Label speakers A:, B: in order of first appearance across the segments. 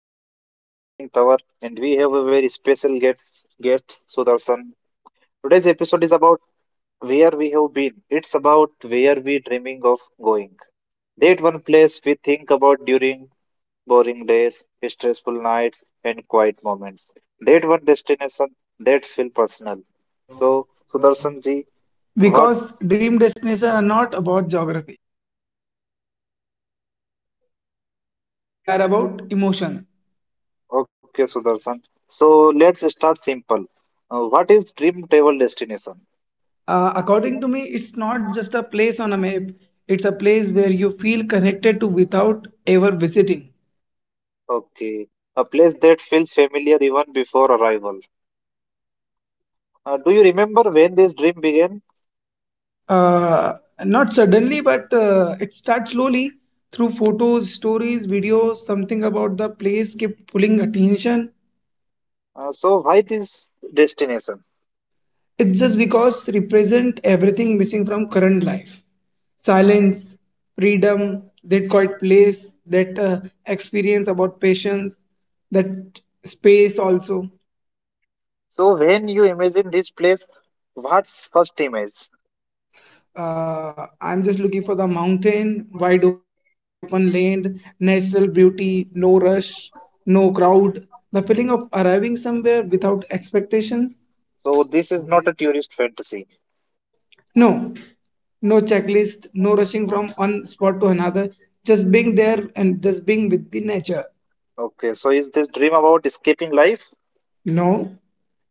A: name is Narendra Singh Tawar and we have a very special guest, Sudarshan. Today's episode is about where we have been. It's about where we dreaming of going. That one place we think about during boring days, stressful nights and quiet moments. That one destination that feel personal. So Sudarshan ji, what
B: Because dream destinations are not about geography, they are about emotion.
A: Okay, Sudarshan. So let's start simple. What is dream travel destination?
B: According to me, it's not just a place on a map. It's a place where you feel connected to without ever visiting.
A: Okay, a place that feels familiar even before arrival. Do you remember when this dream began?
B: uh, Not suddenly, but it starts slowly through photos, stories, videos. Something about the place kept pulling attention.
A: So why this destination?
B: It's just because represent everything missing from current life. Silence, freedom, that quiet place, that experience about patience, that space also.
A: So when you imagine this place, what's first image?
B: I'm just looking for the mountain, wide open land, natural beauty, no rush, no crowd. The feeling of arriving somewhere without expectations.
A: So this is not a tourist fantasy.
B: No, no checklist, no rushing from one spot to another, just being there and just being with the nature.
A: Okay, so is this dream about escaping life?
B: No,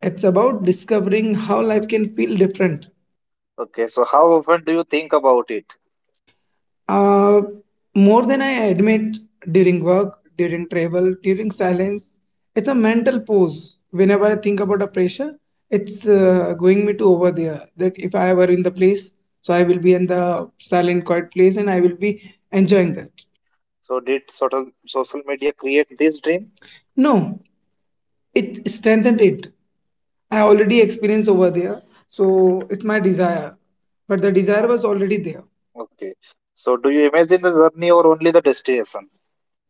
B: it's about discovering how life can feel different.
A: Okay, so how often do you think about it?
B: Uh, More than I admit, during work, during travel, during silence, it's a mental pose. Whenever I think about a pressure, it's going me to over there. That if I were in the place, so I will be in the silent, quiet place and I will be enjoying that.
A: So did sort of social media create this dream?
B: No, it strengthened it. I already experienced over there, so it's my desire. But the desire was already there.
A: Okay. So do you imagine the journey or only the destination?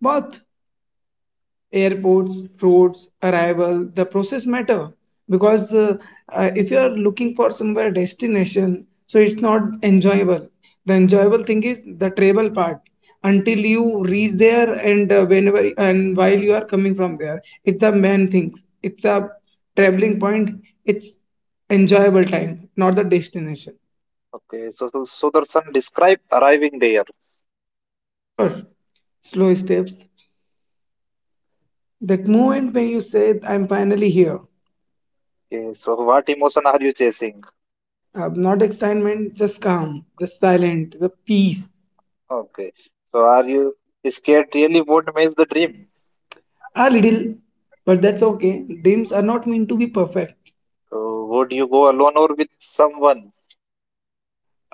B: But airports, roads, arrival, the process matter because if you are looking for somewhere destination, so it's not enjoyable. The enjoyable thing is the travel part until you reach there and whenever and while you are coming from there, it's the main things. It's a traveling point. It's enjoyable time, not the destination.
A: Okay. So Sudarshan, describe arriving there.
B: Sure, slow steps. That moment when you said, "I'm finally here."
A: Okay. So what emotion are you chasing?
B: Not excitement, just calm, just silent, the peace.
A: Okay. So are you scared really what makes the dream?
B: A little, but that's okay. Dreams are not meant to be perfect.
A: So would you go alone or with someone?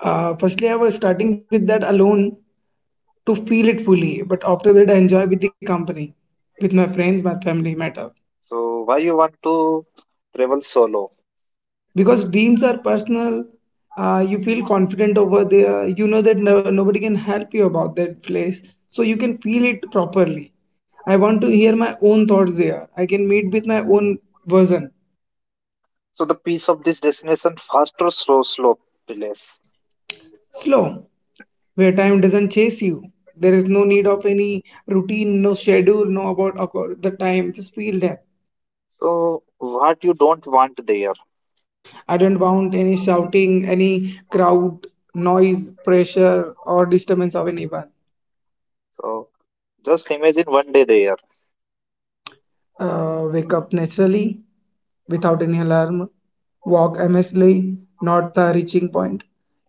B: Firstly, I was starting with that alone to feel it fully, but after that, I enjoy with the company, with my friends, my family, matter.
A: So why you want to travel solo?
B: Because dreams are personal, you feel confident over there, you know that no, nobody can help you about that place, so you can feel it properly. I want to hear my own thoughts there, I can meet with my own version.
A: So the peace of this destination, fast or slow, slow, place.
B: Slow, where time doesn't chase you. There is no need of any routine, no schedule, no about the time. Just feel that.
A: So what you don't want there.
B: I don't want any shouting, any crowd, noise, pressure, or disturbance of anyone.
A: So just imagine one day there.
B: Wake up naturally without any alarm, walk aimlessly, not the reaching point,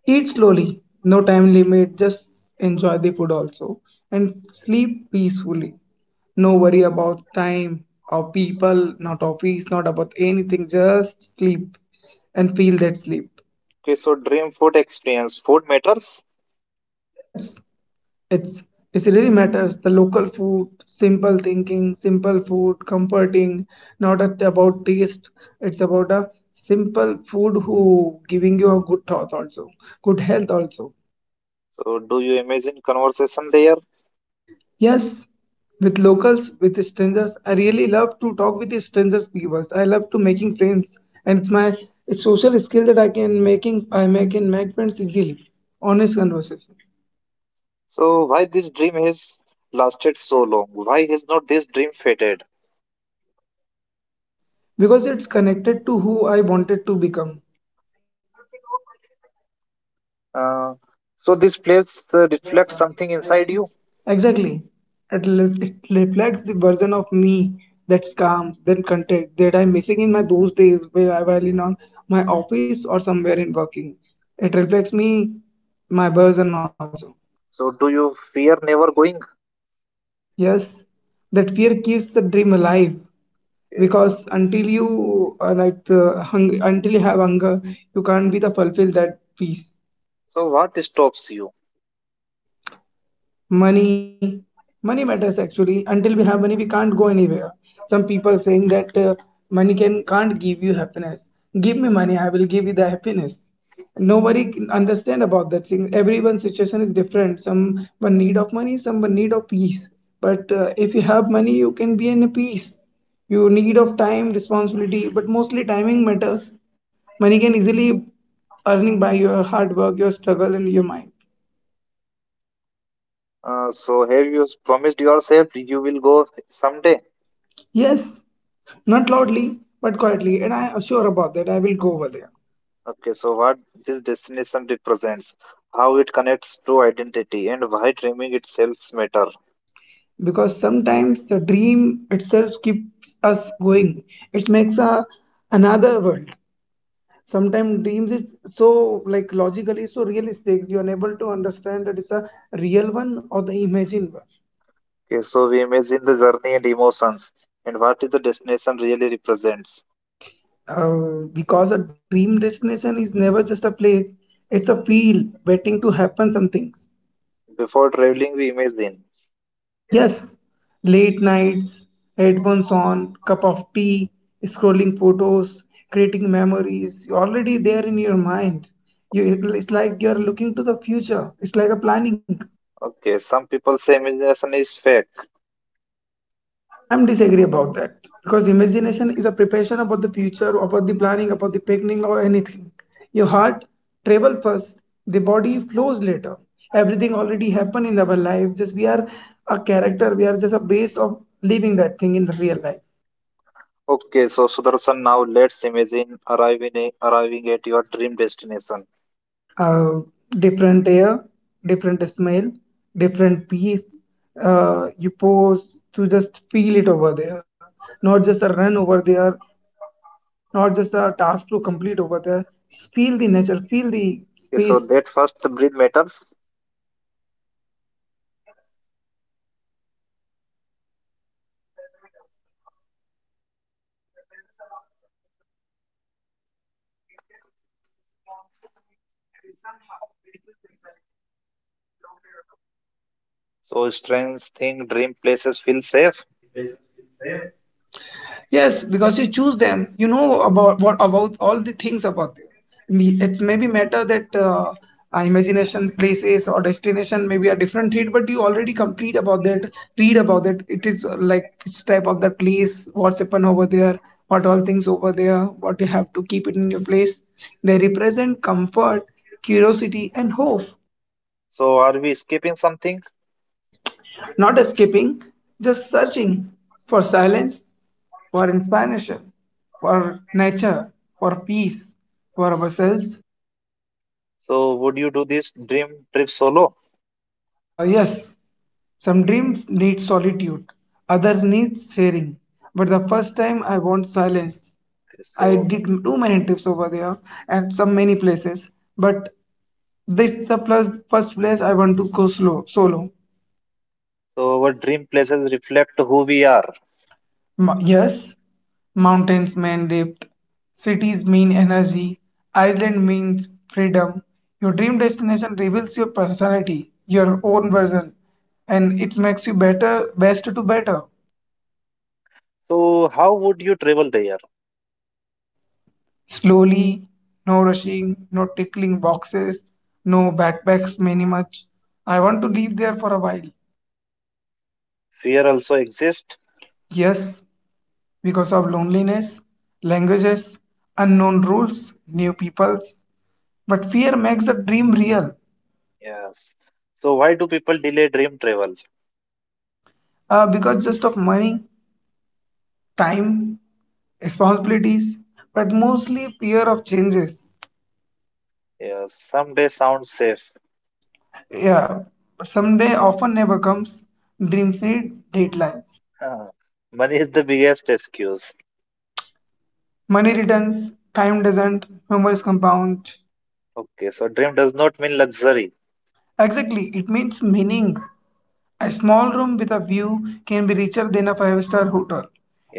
B: eat slowly, no time limit, just enjoy the food also, and sleep peacefully. No worry about time or people, not office, not about anything, just sleep and feel that sleep.
A: Okay, so dream food experience. Food matters.
B: Yes, it's it really matters. The local food, simple thinking, simple food, comforting, not at, about taste. It's about a simple food who giving you a good thought also, good health also.
A: So, do you imagine conversation there?
B: Yes, with locals, with strangers, I really love to talk with the strangers. People, I love to making friends, and it's my social skill that I can making I make and make friends easily. Honest conversation.
A: So, why this dream has lasted so long? Why has not this dream faded?
B: Because it's connected to who I wanted to become.
A: Uh, so, this place reflects something inside you.
B: Exactly. It reflects the version of me that's calm, then content, that I'm missing in my those days where I while in on my office or somewhere in working. It reflects me, my version also.
A: So, do you fear never going?
B: Yes, that fear keeps the dream alive
A: Okay.
B: because until you have hunger, you can't be the fulfill that peace.
A: So, what stops you?
B: money money matters actually. Until we have money, we can't go anywhere. Some people saying that money can't give you happiness. Give me money, I will give you the happiness. Nobody can understand about that thing. Everyone's situation is different. Someone need of money, someone need of peace. But if you have money you can be in a peace. You need of time, responsibility, but mostly timing matters. Money can easily earning by your hard work, your struggle, and your mind.
A: So, have you promised yourself you will go someday?
B: Yes, not loudly but quietly, and I am sure about that. I will go over there.
A: Okay, so what this destination represents, how it connects to identity, and why dreaming itself matter.
B: Because sometimes the dream itself keeps us going. It makes a another world. Sometimes dreams is so like logically so realistic you are unable to understand that it's a real one or the imagined one.
A: Okay, so we imagine the journey and emotions and what is the destination really represents.
B: Because a dream destination is never just a place; it's a feel waiting to happen. Some things.
A: Before traveling, we imagine.
B: Yes, late nights, headphones on, cup of tea, scrolling photos, creating memories. You're already there in your mind. You, it's like you're looking to the future. It's like a planning.
A: Okay, some people say imagination is fake.
B: I'm disagree about that because imagination is a preparation about the future, about the planning, about the beginning or anything. Your heart travel first, the body flows later. Everything already happened in our life. Just we are a character. We are just a base of living that thing in real life.
A: Okay, so Sudarshan, now let's imagine arriving at your dream destination.
B: uh, Different air, different smell, different peace. You pause to just feel it over there, not just a run over there, not just a task to complete over there. Just feel the nature, feel the space.
A: Okay, so that first breathe matters.
B: That matters a lot. Actually, it tells you this is not home, and somehow that feels exciting.
A: So strange thing, dream places feel safe.
B: Yes, because you choose them, you know about what about all the things about them. It's maybe matter that imagination, places or destination maybe a different read, but you already complete about that, read about it. It is like which type of that place, what's happen over there, what all things over there, what you have to keep it in your place. They represent comfort, curiosity, and hope.
A: So are we skipping something?
B: Not escaping, just searching for silence, for inspiration, for nature, for peace, for ourselves.
A: So would you do this dream trip solo?
B: Yes, some dreams need solitude, others need sharing. But the first time I want silence. I
A: So
B: did too many trips over there and some many places. But this is the plus, first place I want to go slow, solo.
A: so our dream places reflect who we are.
B: Yes, mountains mean depth, cities mean energy, island means freedom. Your dream destination reveals your personality, your own version, and it makes you better, best to better.
A: So how would you travel there?
B: Slowly, no rushing, no tickling boxes, no backpacks many much. I want to live there for a while.
A: Fear also exists.
B: Yes, because of loneliness, languages, unknown rules, new peoples. But fear makes the dream real.
A: Yes. So why do people delay dream travel?
B: Because just of money, time, responsibilities, but mostly fear of changes.
A: Yes. Someday sounds safe.
B: Yeah, someday often never comes. Dreams need deadlines.
A: Huh. Money is the biggest excuse.
B: Money returns, time doesn't, memories compound.
A: Okay. So dream does not mean luxury.
B: Exactly, it means meaning. A small room with a view can be richer than a five-star hotel.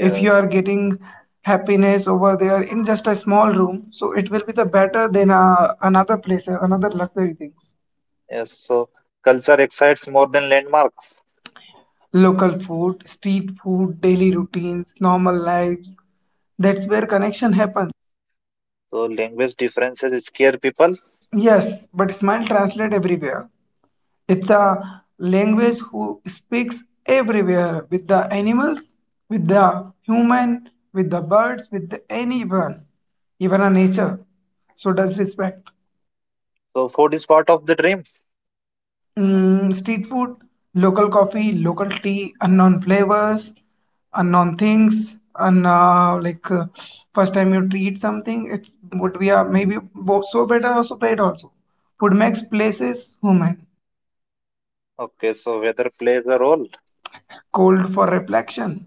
B: If you are getting happiness over there in just a small room, so it will be the better than another place, another luxury things.
A: Yes. So culture excites more than landmarks.
B: Local food, street food, daily routines, normal lives. That's where connection happens.
A: So language differences scare people.
B: Yes, but smile translate everywhere. It's a language who speaks everywhere with the animals, with the human, with the birds, with the anyone, even a nature. So does respect.
A: So food is part of the dream.
B: Street food, local coffee, local tea, unknown flavors, unknown things, and first time you treat something, it's would be a maybe both so better or so bad also. Food makes places human.
A: Okay, so weather plays a role.
B: Cold for reflection,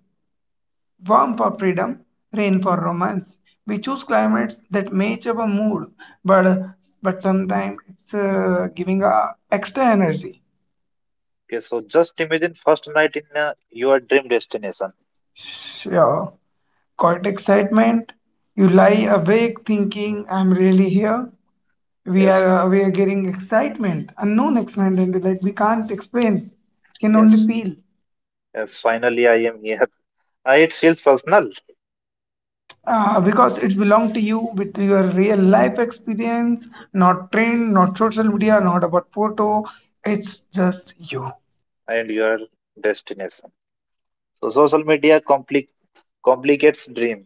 B: warm for freedom, rain for romance. We choose climates that match our mood, but but sometimes it's giving a extra energy.
A: Okay, so just imagine first night in your dream destination.
B: Sure. Caught excitement. You lie awake thinking, I'm really here. We
A: Yes,
B: are uh, we are getting excitement, unknown excitement like we can't explain. It can
A: yes,
B: only feel.
A: yes. Finally, I am here. It feels personal
B: Because it's belong to you with your real life experience, not trend, not social media, not about photo. It's just you.
A: and your destination. So social media complicates dream.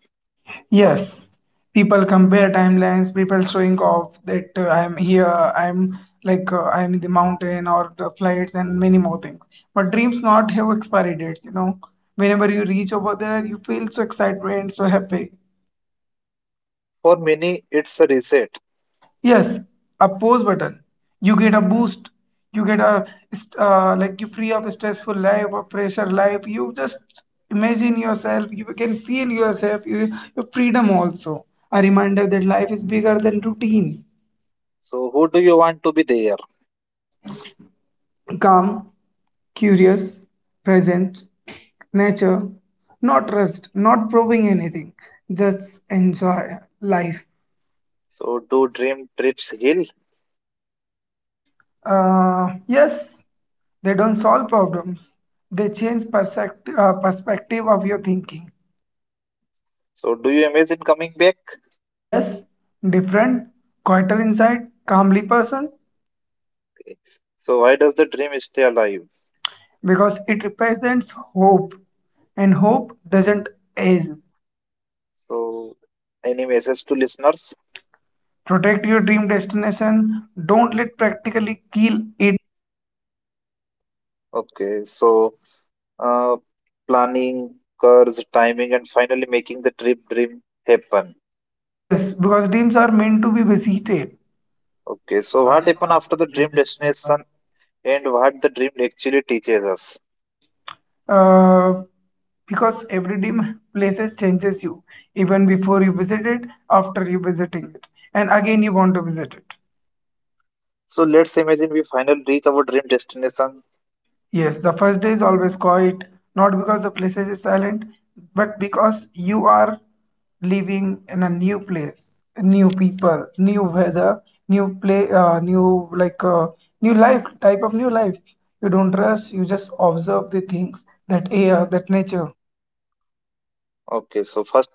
B: Yes, people compare timelines, people showing off that I'm here, I'm in the mountain or the flights and many more things. But dreams not have expiry dates. Whenever you reach over there, you feel so excitement, so happy.
A: For many, it's a reset.
B: Yes, a pause button. You get a boost. You get a you free of stressful life or pressure life. You just imagine yourself. You can feel yourself. You, your freedom also. A reminder that life is bigger than routine.
A: So who do you want to be there?
B: Calm, curious, present, nature, not rushed, not proving anything, just enjoy life.
A: So do dream trips heal?
B: Yes, they don't solve problems, they change perspective, perspective of your thinking.
A: So do you imagine coming back?
B: Yes, different, quieter inside, calmly person.
A: So why does the dream stay alive?
B: Because it represents hope, and hope doesn't age.
A: So any message to listeners?
B: Protect your dream destination, don't let practically kill it.
A: Okay, so uh, planning, curves, timing, and finally making the trip dream happen.
B: Yes, because teams are meant to be visited.
A: Okay, so what happen after the dream destination and what the dream actually teaches us?
B: Uh, because every team places changes you, even before you visit it, after you visiting it, and again you want to visit it.
A: So let's imagine we finally reach our dream destination.
B: Yes, the first day is always quiet, not because the places is silent, but because you are living in a new place, new people, new weather, new play, uh, new like uh, new life type of new life. You don't rush. You just observe the things, that air, that nature.
A: Okay, so first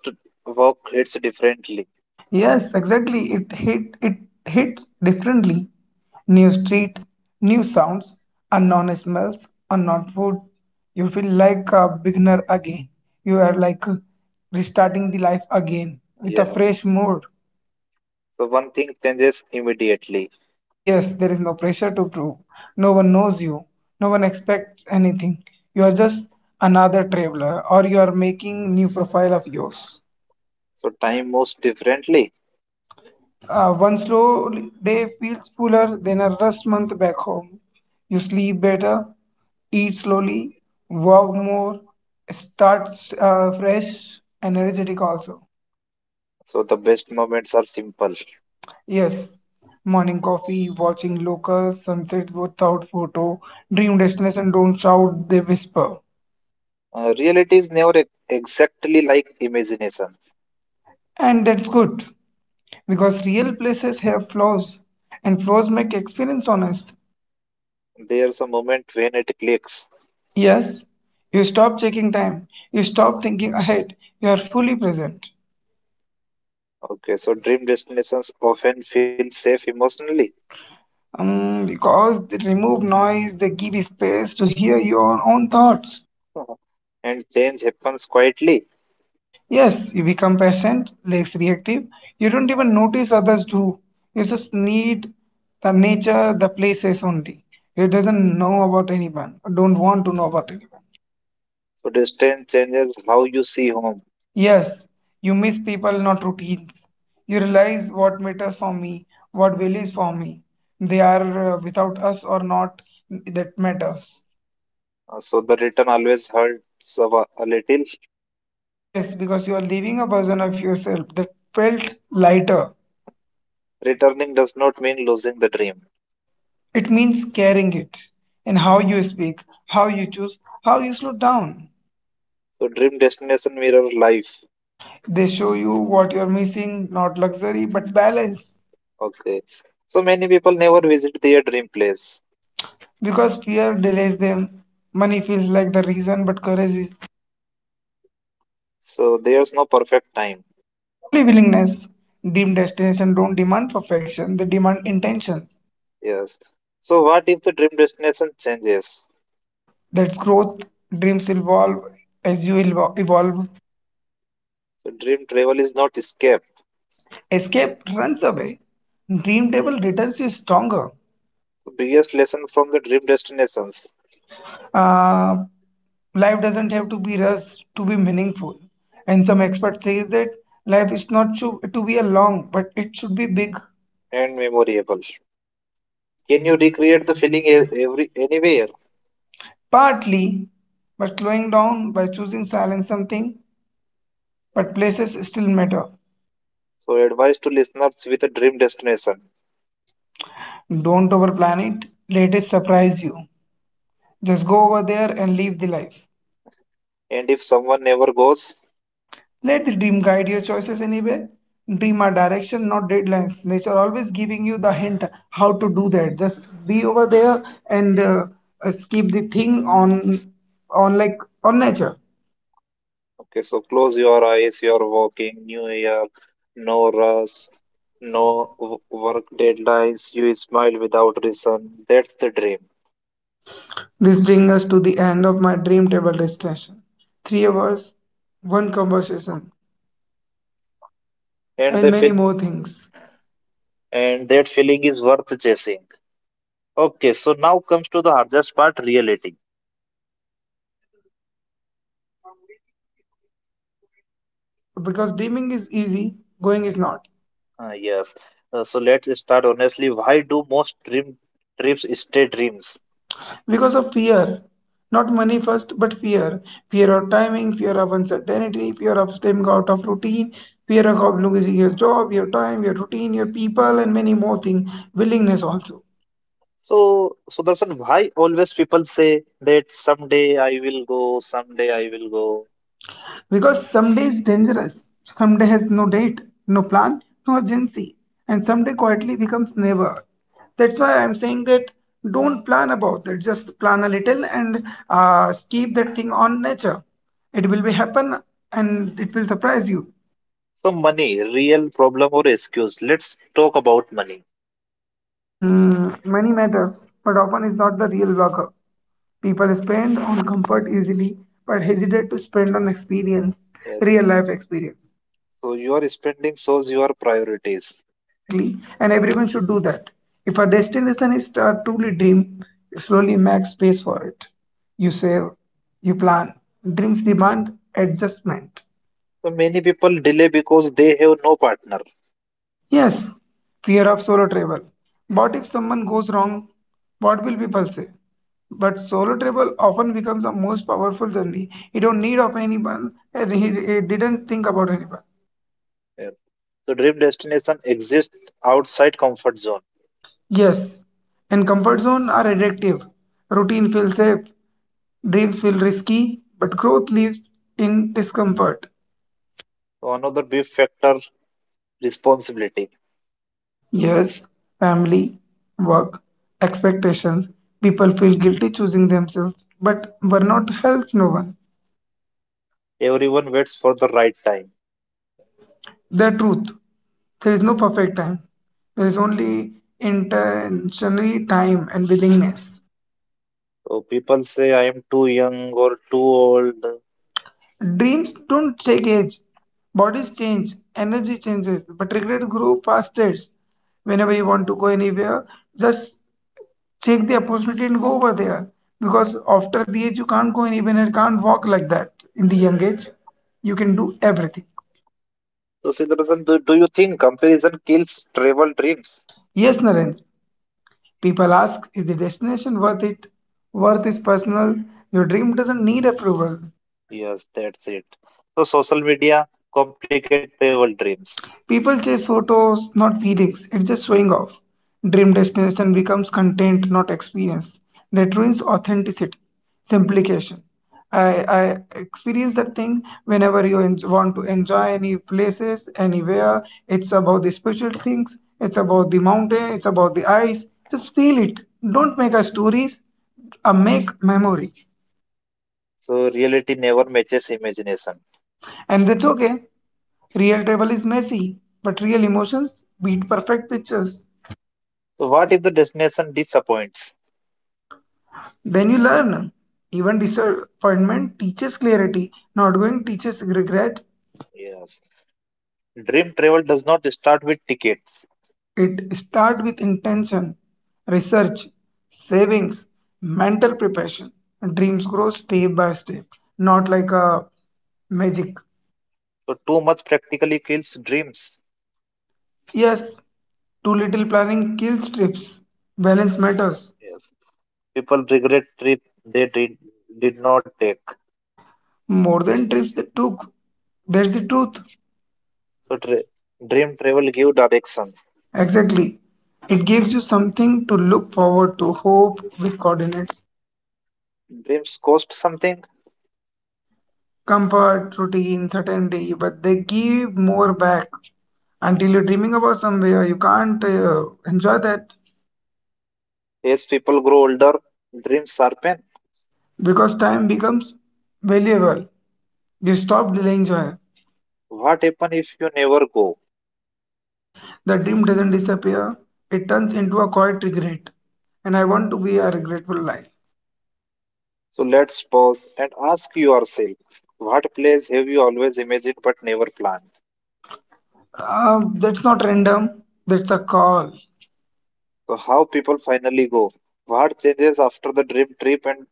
A: walk hits differently.
B: Yes, exactly. It hits differently. New street, new sounds, unknown smells, unknown food. You feel like a beginner again. You are like restarting the life again with a
A: Yes.
B: fresh mood.
A: So one thing changes immediately.
B: Yes, there is no pressure to prove. No one knows you. No one expects anything. You are just another traveler, or you are making new profile of yours.
A: So time moves differently.
B: One slow day feels fuller than a rest month back home. You sleep better, eat slowly, walk more, start fresh and energetic also.
A: So the best moments are simple.
B: Yes, morning coffee, watching local sunsets without photo, dream destination don't shout, they whisper.
A: Reality is never exactly like imagination.
B: And that's good because real places have flaws and flaws make experience honest.
A: There's a moment when it clicks.
B: Yes, you stop checking time, you stop thinking ahead, you are fully present.
A: Okay, so dream destinations often feel safe emotionally,
B: Because they remove noise, they give you space to hear your own thoughts.
A: uh, and change happens quietly.
B: Yes, you become patient, less reactive. You don't even notice others do. You just need the nature, the places only. You doesn't know about anyone, don't want to know about anyone.
A: So distance changes how you see home.
B: Yes, you miss people, not routines. You realize what matters for me, what values for me. They are without us or not, that matters.
A: So the return always hurts a little.
B: Yes, because you are leaving a version of yourself that felt lighter.
A: Returning does not mean losing the dream.
B: It means carrying it. And how you speak, how you choose, how you slow down.
A: So dream destination mirror life.
B: They show you what you're missing, not luxury, but balance.
A: Okay, so many people never visit their dream place.
B: Because fear delays them. Money feels like the reason, but courage is
A: So there's no perfect time.
B: only willingness. Dream destinations don't demand perfection, they demand intentions.
A: Yes. So what if the dream destination changes?
B: That's growth. Dreams evolve as you evolve.
A: So dream travel is not escape.
B: Escape runs away. Dream table returns you stronger.
A: Biggest lesson from the dream destinations
B: Uh, life doesn't have to be rushed to be meaningful. And some expert says that life is not to be a long, but it should be big.
A: and memorable. Can you recreate the feeling every anywhere?
B: Partly by slowing down, by choosing silence something, but places still matter.
A: So advice to listeners with a dream destination.
B: Don't overplan it. Let it surprise you. Just go over there and live the life.
A: And if someone never goes,
B: Let the dream guide your choices anyway. Dream a direction, not deadlines. Nature always giving you the hint how to do that. Just be over there and skip the thing on like on nature.
A: okay, so close your eyes. You're walking. New year, no rush, no work deadlines. You smile without reason. That's the dream.
B: This brings us to the end of my dream table discussion. 3 hours, one conversation,
A: And
B: and
A: the
B: many
A: feel
B: more things.
A: and that feeling is worth chasing. Okay, so now comes to the hardest part, reality.
B: Because dreaming is easy, going is not.
A: Yes. So let's start honestly. Why do most dream trips stay dreams?
B: Because of fear, not money first, but fear, fear of timing, fear of uncertainty, fear of stepping out of routine, fear of losing your job, your time, your routine, your people, and many more things, willingness also.
A: So, Sudarshan, why always people say that someday I will go, someday I will go?
B: Because someday is dangerous. Someday has no date, no plan, no urgency, and someday quietly becomes never. That's why I'm saying that don't plan about it, just plan a little and keep that thing on nature. It will be happen, and it will surprise you.
A: So, money, real problem or excuse? Let's talk about money.
B: Mm, money matters, but often is not the real blocker. People spend on comfort easily, but hesitate to spend on experience,
A: Yes.
B: real life experience.
A: So, your spending shows your priorities.
B: Exactly, and everyone should do that. If a destination is a truly dream, you slowly make space for it. You save, you plan. Dreams demand adjustment.
A: So, many people delay because they have no partner.
B: Yes, fear of solo travel. What if someone goes wrong? What will people say? But solo travel often becomes the most powerful journey. You don't need of anyone, and he didn't think about anyone.
A: Yeah. So, dream destination exists outside comfort zone.
B: Yes, and comfort zone are addictive. Routine feels safe, dreams feel risky, but growth lives in discomfort.
A: So, another big factor responsibility.
B: Yes, family, work, expectations. People feel guilty choosing themselves, but burnout helps no one.
A: Everyone waits for the right time.
B: The truth. There is no perfect time. There is only intentionally time and willingness.
A: So people say I am too young or too old.
B: Dreams don't check age. Bodies change, energy changes, but regrets grow past. Whenever you want to go anywhere, just take the opportunity and go over there. Because after the age, you can't go anywhere and can't walk like that in the young age. You can do everything.
A: So Siddharthan, do you think comparison kills travel dreams?
B: Yes, Narendra. People ask, is the destination worth it? Worth is personal. Your dream doesn't need approval.
A: Yes, that's it. So social media complicate travel dreams.
B: People chase photos, not feelings. It's just showing off. Dream destination becomes content, not experience. That ruins authenticity. Simplification. I experience that thing whenever you want to enjoy any places, anywhere. It's about the spiritual things, it's about the mountain, it's about the ice. Just feel it. Don't make a stories, a make memory.
A: So reality never matches imagination.
B: And that's okay. Real travel is messy, but real emotions beat perfect pictures.
A: So what if the destination disappoints?
B: Then you learn. Even disappointment teaches clarity. Not going teaches regret.
A: Yes. Dream travel does not start with tickets.
B: It starts with intention, research, savings, mental preparation. Dreams grow step by step, not like a magic.
A: So too much practically kills dreams.
B: Yes, too little planning kills trips. Balance matters
A: Yes, people regret trip they did not take.
B: more than trips they took. That's the truth.
A: So dream travel give direction.
B: Exactly. It gives you something to look forward to, hope with coordinates,
A: Dreams cost something.
B: comfort, routine, certainty, but they give more back. Until you're dreaming about somewhere, you can't enjoy that
A: As people grow older, dreams sharpen.
B: because time becomes valuable. You stop delaying joy.
A: What happen if you never go?
B: The dream doesn't disappear, it turns into a quiet regret. And I want to be a regretful life.
A: So let's pause and ask yourself, what place have you always imagined but never planned?
B: That's not random, that's a call.
A: So how people finally go? What changes after the dream trip and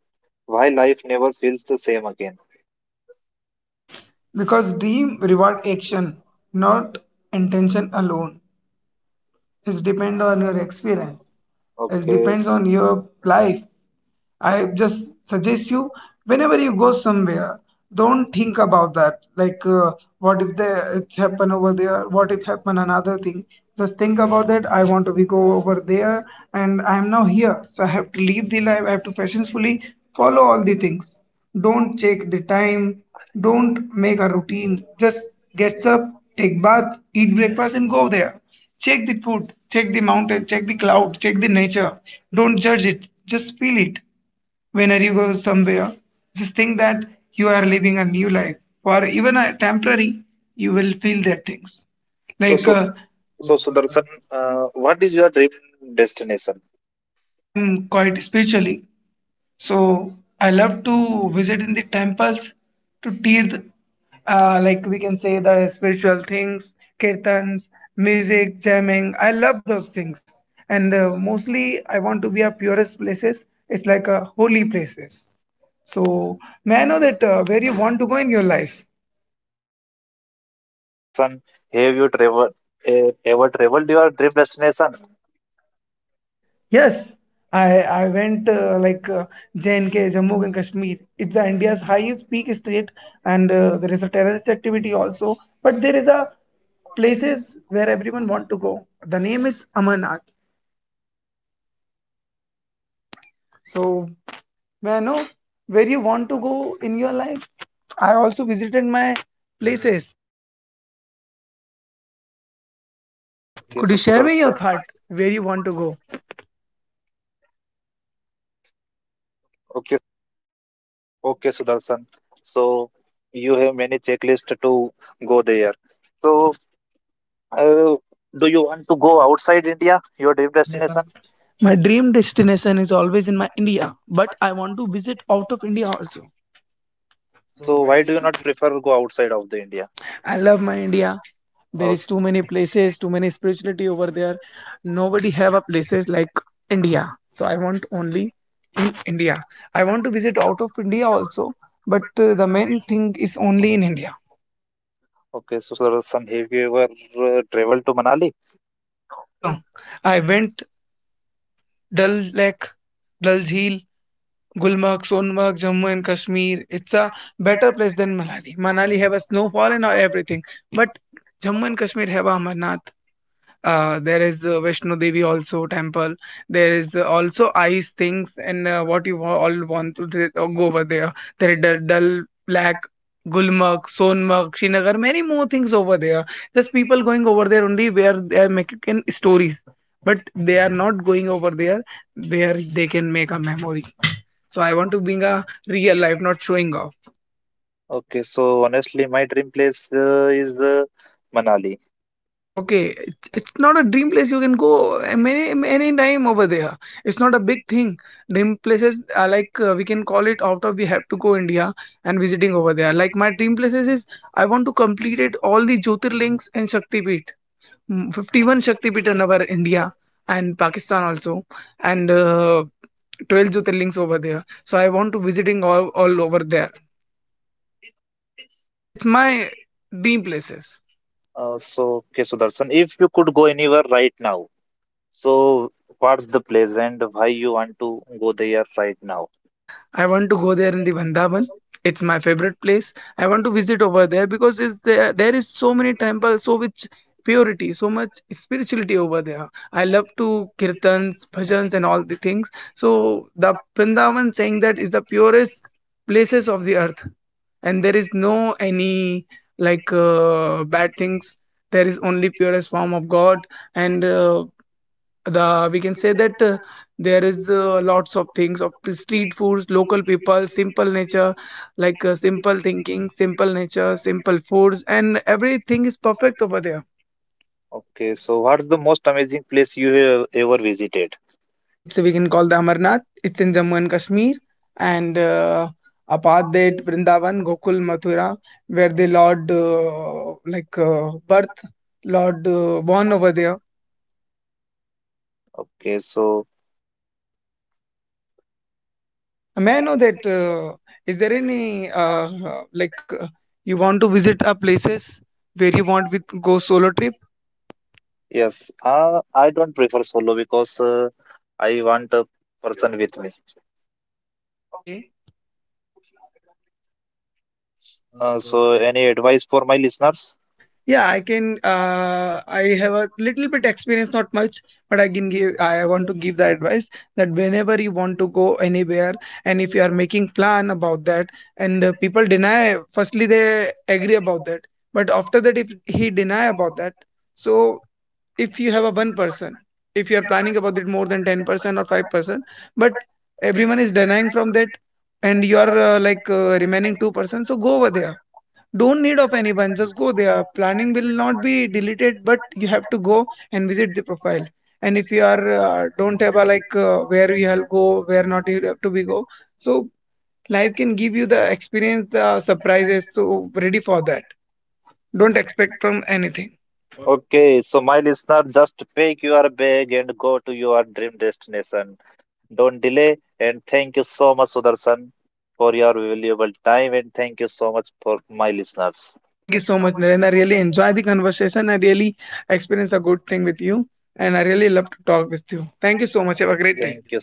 A: why life never feels the same again?
B: Because dream reward action, not intention alone. It depends on your experience. It
A: Okay,
B: depends on your life. I just suggest you whenever you go somewhere, don't think about that. What if they, it's happen over there? What if happen another thing? Just think about that. I want to be go over there, and I am now here, so I have to live the life. I have to patiently follow all the things. Don't check the time. Don't make a routine. Just gets up, take bath, eat breakfast, and go there. Check the food, check the mountain, check the cloud, check the nature. Don't judge it, just feel it. Whenever you go somewhere, just think that you are living a new life, or even a temporary, you will feel that things.
A: so
B: Like
A: so
B: uh,
A: So, Sudarshan, what is your dream destination?
B: I'm quite spiritually. So I love to visit in the temples to tear, like we can say the spiritual things, kirtans, music, jamming. I love those things, and mostly I want to be a purest places. It's like a holy places. So may I know that where you want to go in your life?
A: So, Sudarshan, have you traveled, eh, ever traveled your dream destination?
B: Yes, I went like J&K, Jammu and Kashmir. It's the India's highest peak state, and there is a terrorist activity also. But there is a places where everyone want to go. The name is Amarnath. So, may I know where you want to go in your life? I also visited my places.
A: Okay,
B: Could you
A: so
B: share me your
A: Sudarshan.
B: thought where you want to go?
A: Okay, okay, Sudarshan. So you have many checklists to go there. So, uh, do you want to go outside India, your dream destination?
B: My dream destination is always in my India, but I want to visit out of India also.
A: So why do you not prefer go outside of the India?
B: I love my India. There is
A: Okay,
B: too many places, too many spirituality over there. Nobody have a places like India. So I want only in India. I want to visit out of India also, but the main thing is only in India.
A: okay, so Sudarshan, have you ever traveled to Manali?
B: No, I went Dal Lake, Dal Jheel, Gulmarg, Sonmarg, Jammu and Kashmir. It's a better place than Manali. Manali have a snowfall and everything, but Jammu and Kashmir have a Amarnath. There is Vishnu Devi also temple. There is also ice things and what you all want to go over there. There is Dal Lake, Gulmarg, Sonmarg, Srinagar, many more things over there. Just people going over there only where they are making stories, but they are not going over there where they can make a memory. So I want to bring a real life, not showing off.
A: Okay, so honestly, my dream place is Manali.
B: Okay, it's not a dream place. You can go many any time over there. It's not a big thing. Dream places are like we can call it out of we have to go India and visiting over there. Like my dream places is I want to complete it all the Jyotirlings and Shaktipeeth. Mm, 51 Shaktipeeth in our India and Pakistan also, and 12 Jyotirlings over there. So I want to visiting all over there. It's my dream places.
A: So, okay, Sudarshan, if you could go anywhere right now, so what's the place and why you want to go there right now?
B: I want to go there in the Vandavan. It's my favorite place. I want to visit over there because is there there is so many temples, so much purity, so much spirituality over there. I love to kirtans, bhajans, and all the things. So the Vrindavan saying that is the purest places of the earth, and there is no any like bad things. There is only purest form of God, and the we can say that there is lots of things of street foods, local people, simple nature, like simple thinking, simple nature, simple foods, and everything is perfect over there.
A: Okay, so what's the most amazing place you have ever visited?
B: It's we can call the Amarnath. It's in Jammu and Kashmir, and apart that Vrindavan, Gokul, Mathura, where the Lord like birth, Lord born over there.
A: Okay, so
B: May I know that is there any uh, like you want to visit a places where you want with go solo trip?
A: yes, I don't prefer solo because I want a person with me.
B: Okay.
A: So, any advice for my listeners?
B: Yeah, I can. I have a little bit experience, not much, but I can give. I want to give the advice that whenever you want to go anywhere, and if you are making plan about that, and people deny, firstly they agree about that, but after that, if he deny about that, so if you have a one person, if you are planning about it more than 10% or 5%, but everyone is denying from that, and you are like remaining 2%, so go over there. Don't need of anyone, just go there. Planning will not be deleted, but you have to go and visit the profile. And if you are don't have a like where you will go, where not you have to be go. So life can give you the experience, the surprises. So ready for that. Don't expect from anything.
A: Okay, so my listener, just pack your bag and go to your dream destination. Don't delay. And thank you so much, Sudarshan, for your valuable time. And thank you so much for my listeners.
B: Thank you so much, Narendra. I really enjoy the conversation. I really experience a good thing with you, and I really love to talk with you. Thank you so much. Have a great day.
A: Thank you.